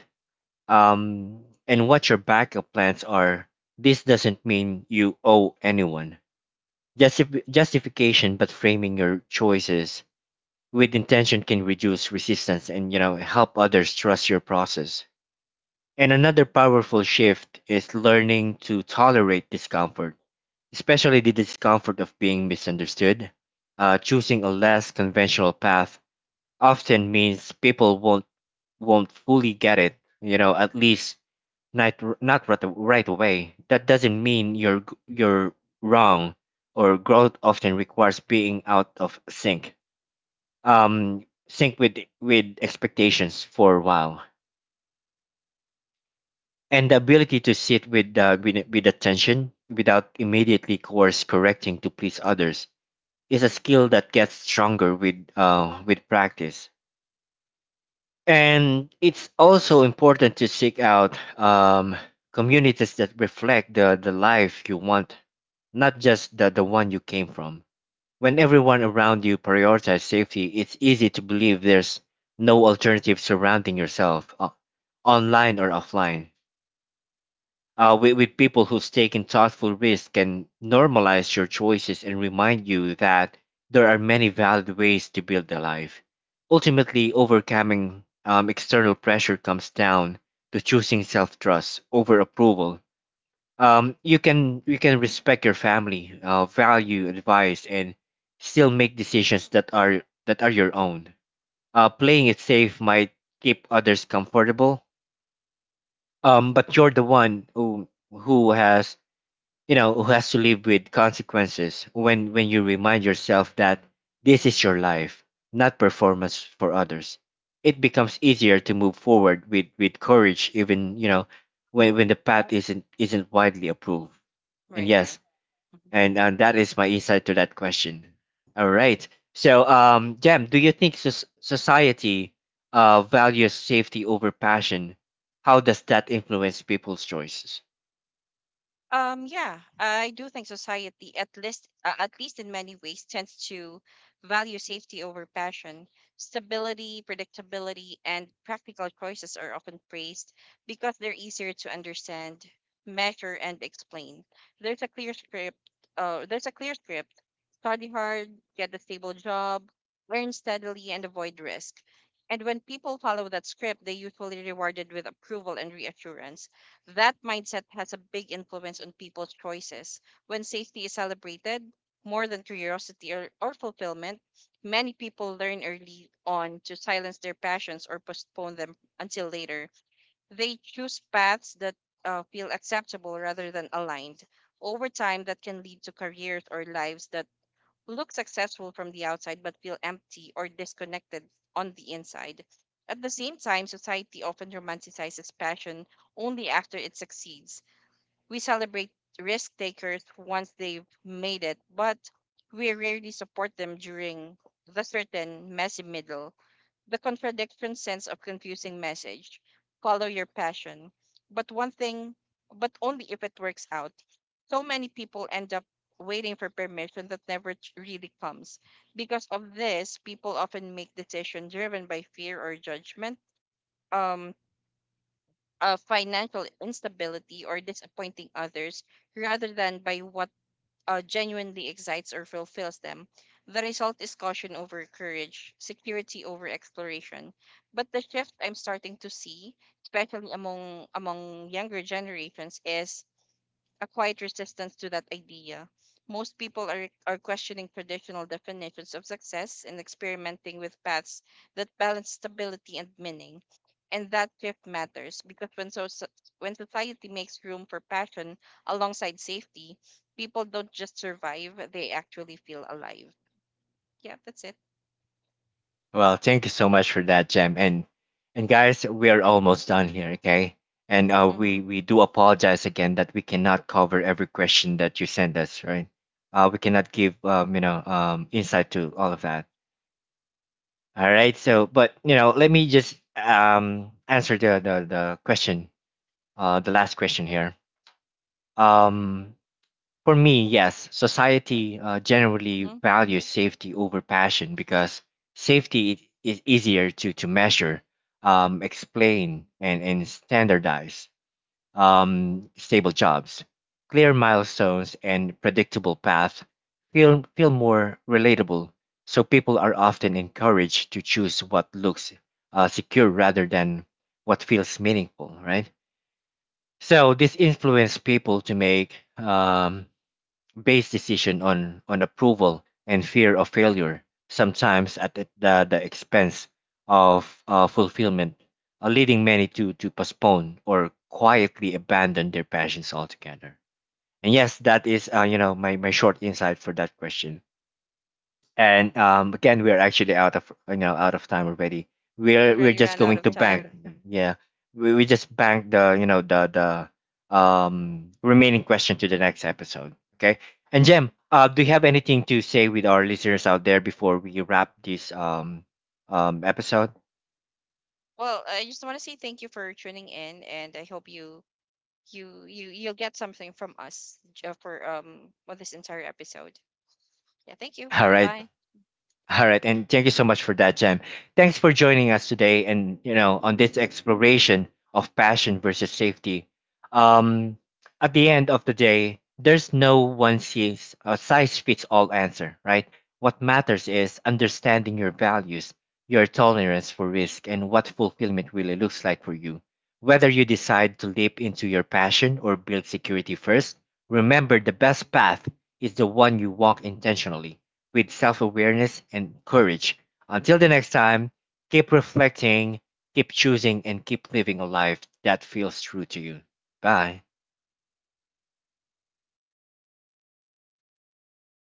and what your backup plans are. This doesn't mean you owe anyone. Justification, but framing your choices with intention can reduce resistance and, help others trust your process. And another powerful shift is learning to tolerate discomfort, especially the discomfort of being misunderstood. Choosing a less conventional path often means people won't fully get it. You know, at least not right away. That doesn't mean you're wrong. Or growth often requires being out of sync, sync with expectations for a while, and the ability to sit with attention without immediately course correcting to please others is a skill that gets stronger with practice. And it's also important to seek out communities that reflect the life you want, not just the one you came from. When everyone around you prioritizes safety, it's easy to believe there's no alternative. Surrounding yourself, online or offline, with people who's taking thoughtful risks, can normalize your choices and remind you that there are many valid ways to build a life. Ultimately, overcoming external pressure comes down to choosing self-trust over approval. You can respect your family, value advice, and still make decisions that are your own. Playing it safe might keep others comfortable, but you're the one who has to live with consequences. When you remind yourself that this is your life, not performance for others, it becomes easier to move forward with courage, even when
Hmm.
when the path isn't widely approved. And
Right,
yes,
right.
and that is my insight to that question. All right, so Jam, do you think society values safety over passion? How does that influence people's choices?
Yeah, I do think society, at least in many ways, tends to value safety over passion. Stability, predictability, and practical choices are often praised because they're easier to understand, measure, and explain. There's a clear script. Uh, there's a clear script. Study hard, get a stable job, earn steadily, and avoid risk. And when people follow that script, they're usually rewarded with approval and reassurance. That mindset has a big influence on people's choices. When safety is celebrated more than curiosity or fulfillment, many people learn early on to silence their passions or postpone them until later. They choose paths that feel acceptable rather than aligned. Over time, that can lead to careers or lives that look successful from the outside but feel empty or disconnected on the inside. At the same time, society often romanticizes passion only after it succeeds. We celebrate risk takers once they've made it, but we rarely support them during the certain messy middle. The contradiction sense of confusing message. Follow your passion. But one thing, but only if it works out. So many people end up waiting for permission that never really comes. Because of this, people often make decisions driven by fear or judgment, um, financial instability, or disappointing others rather than by what genuinely excites or fulfills them. The result is caution over courage, security over exploration. But the shift I'm starting to see, especially among younger generations, is a quiet resistance to that idea. Most people are questioning traditional definitions of success and experimenting with paths that balance stability and meaning. And that shift matters because when society makes room for passion alongside safety, people don't just survive, they actually feel alive. Yeah, that's it.
Well, thank you so much for that, Jem. And guys, we are almost done here, okay? And
Mm-hmm.
we do apologize again that we cannot cover every question that you send us, right? We cannot give insight to all of that. All right.
Mm-hmm.
So, but let me just answer the question, the last question here. Um, for me, yes, society generally
Hmm.
values safety over passion because safety is easier to measure, explain, and standardize. Stable jobs, clear milestones, and predictable paths feel more relatable. So people are often encouraged to choose what looks secure rather than what feels meaningful, right? So this influences people to make based decision on approval and fear of failure, sometimes at the expense of fulfillment, leading many to postpone or quietly abandon their passions altogether. And yes, that is my short insight for that question. And again, we're actually out of time already. We're
Already
just
ran out
going
of
to
time.
bank, yeah. We just bank the remaining question to the next episode. Okay. And Jem, do you have anything to say with our listeners out there before we wrap this episode?
Well, I just want to say thank you for tuning in, and I hope you'll get something from us for this entire episode. Yeah, thank you
All
and
right.
bye.
All right, and thank you so much for that, Jem. Thanks for joining us today, and, on this exploration of passion versus safety. Um, at the end of the day, there's no one size fits all answer, right? What matters is understanding your values, your tolerance for risk, and what fulfillment really looks like for you. Whether you decide to leap into your passion or build security first, remember, the best path is the one you walk intentionally with self awareness and courage. Until the next time, keep reflecting, keep choosing, and keep living a life that feels true to you. Bye.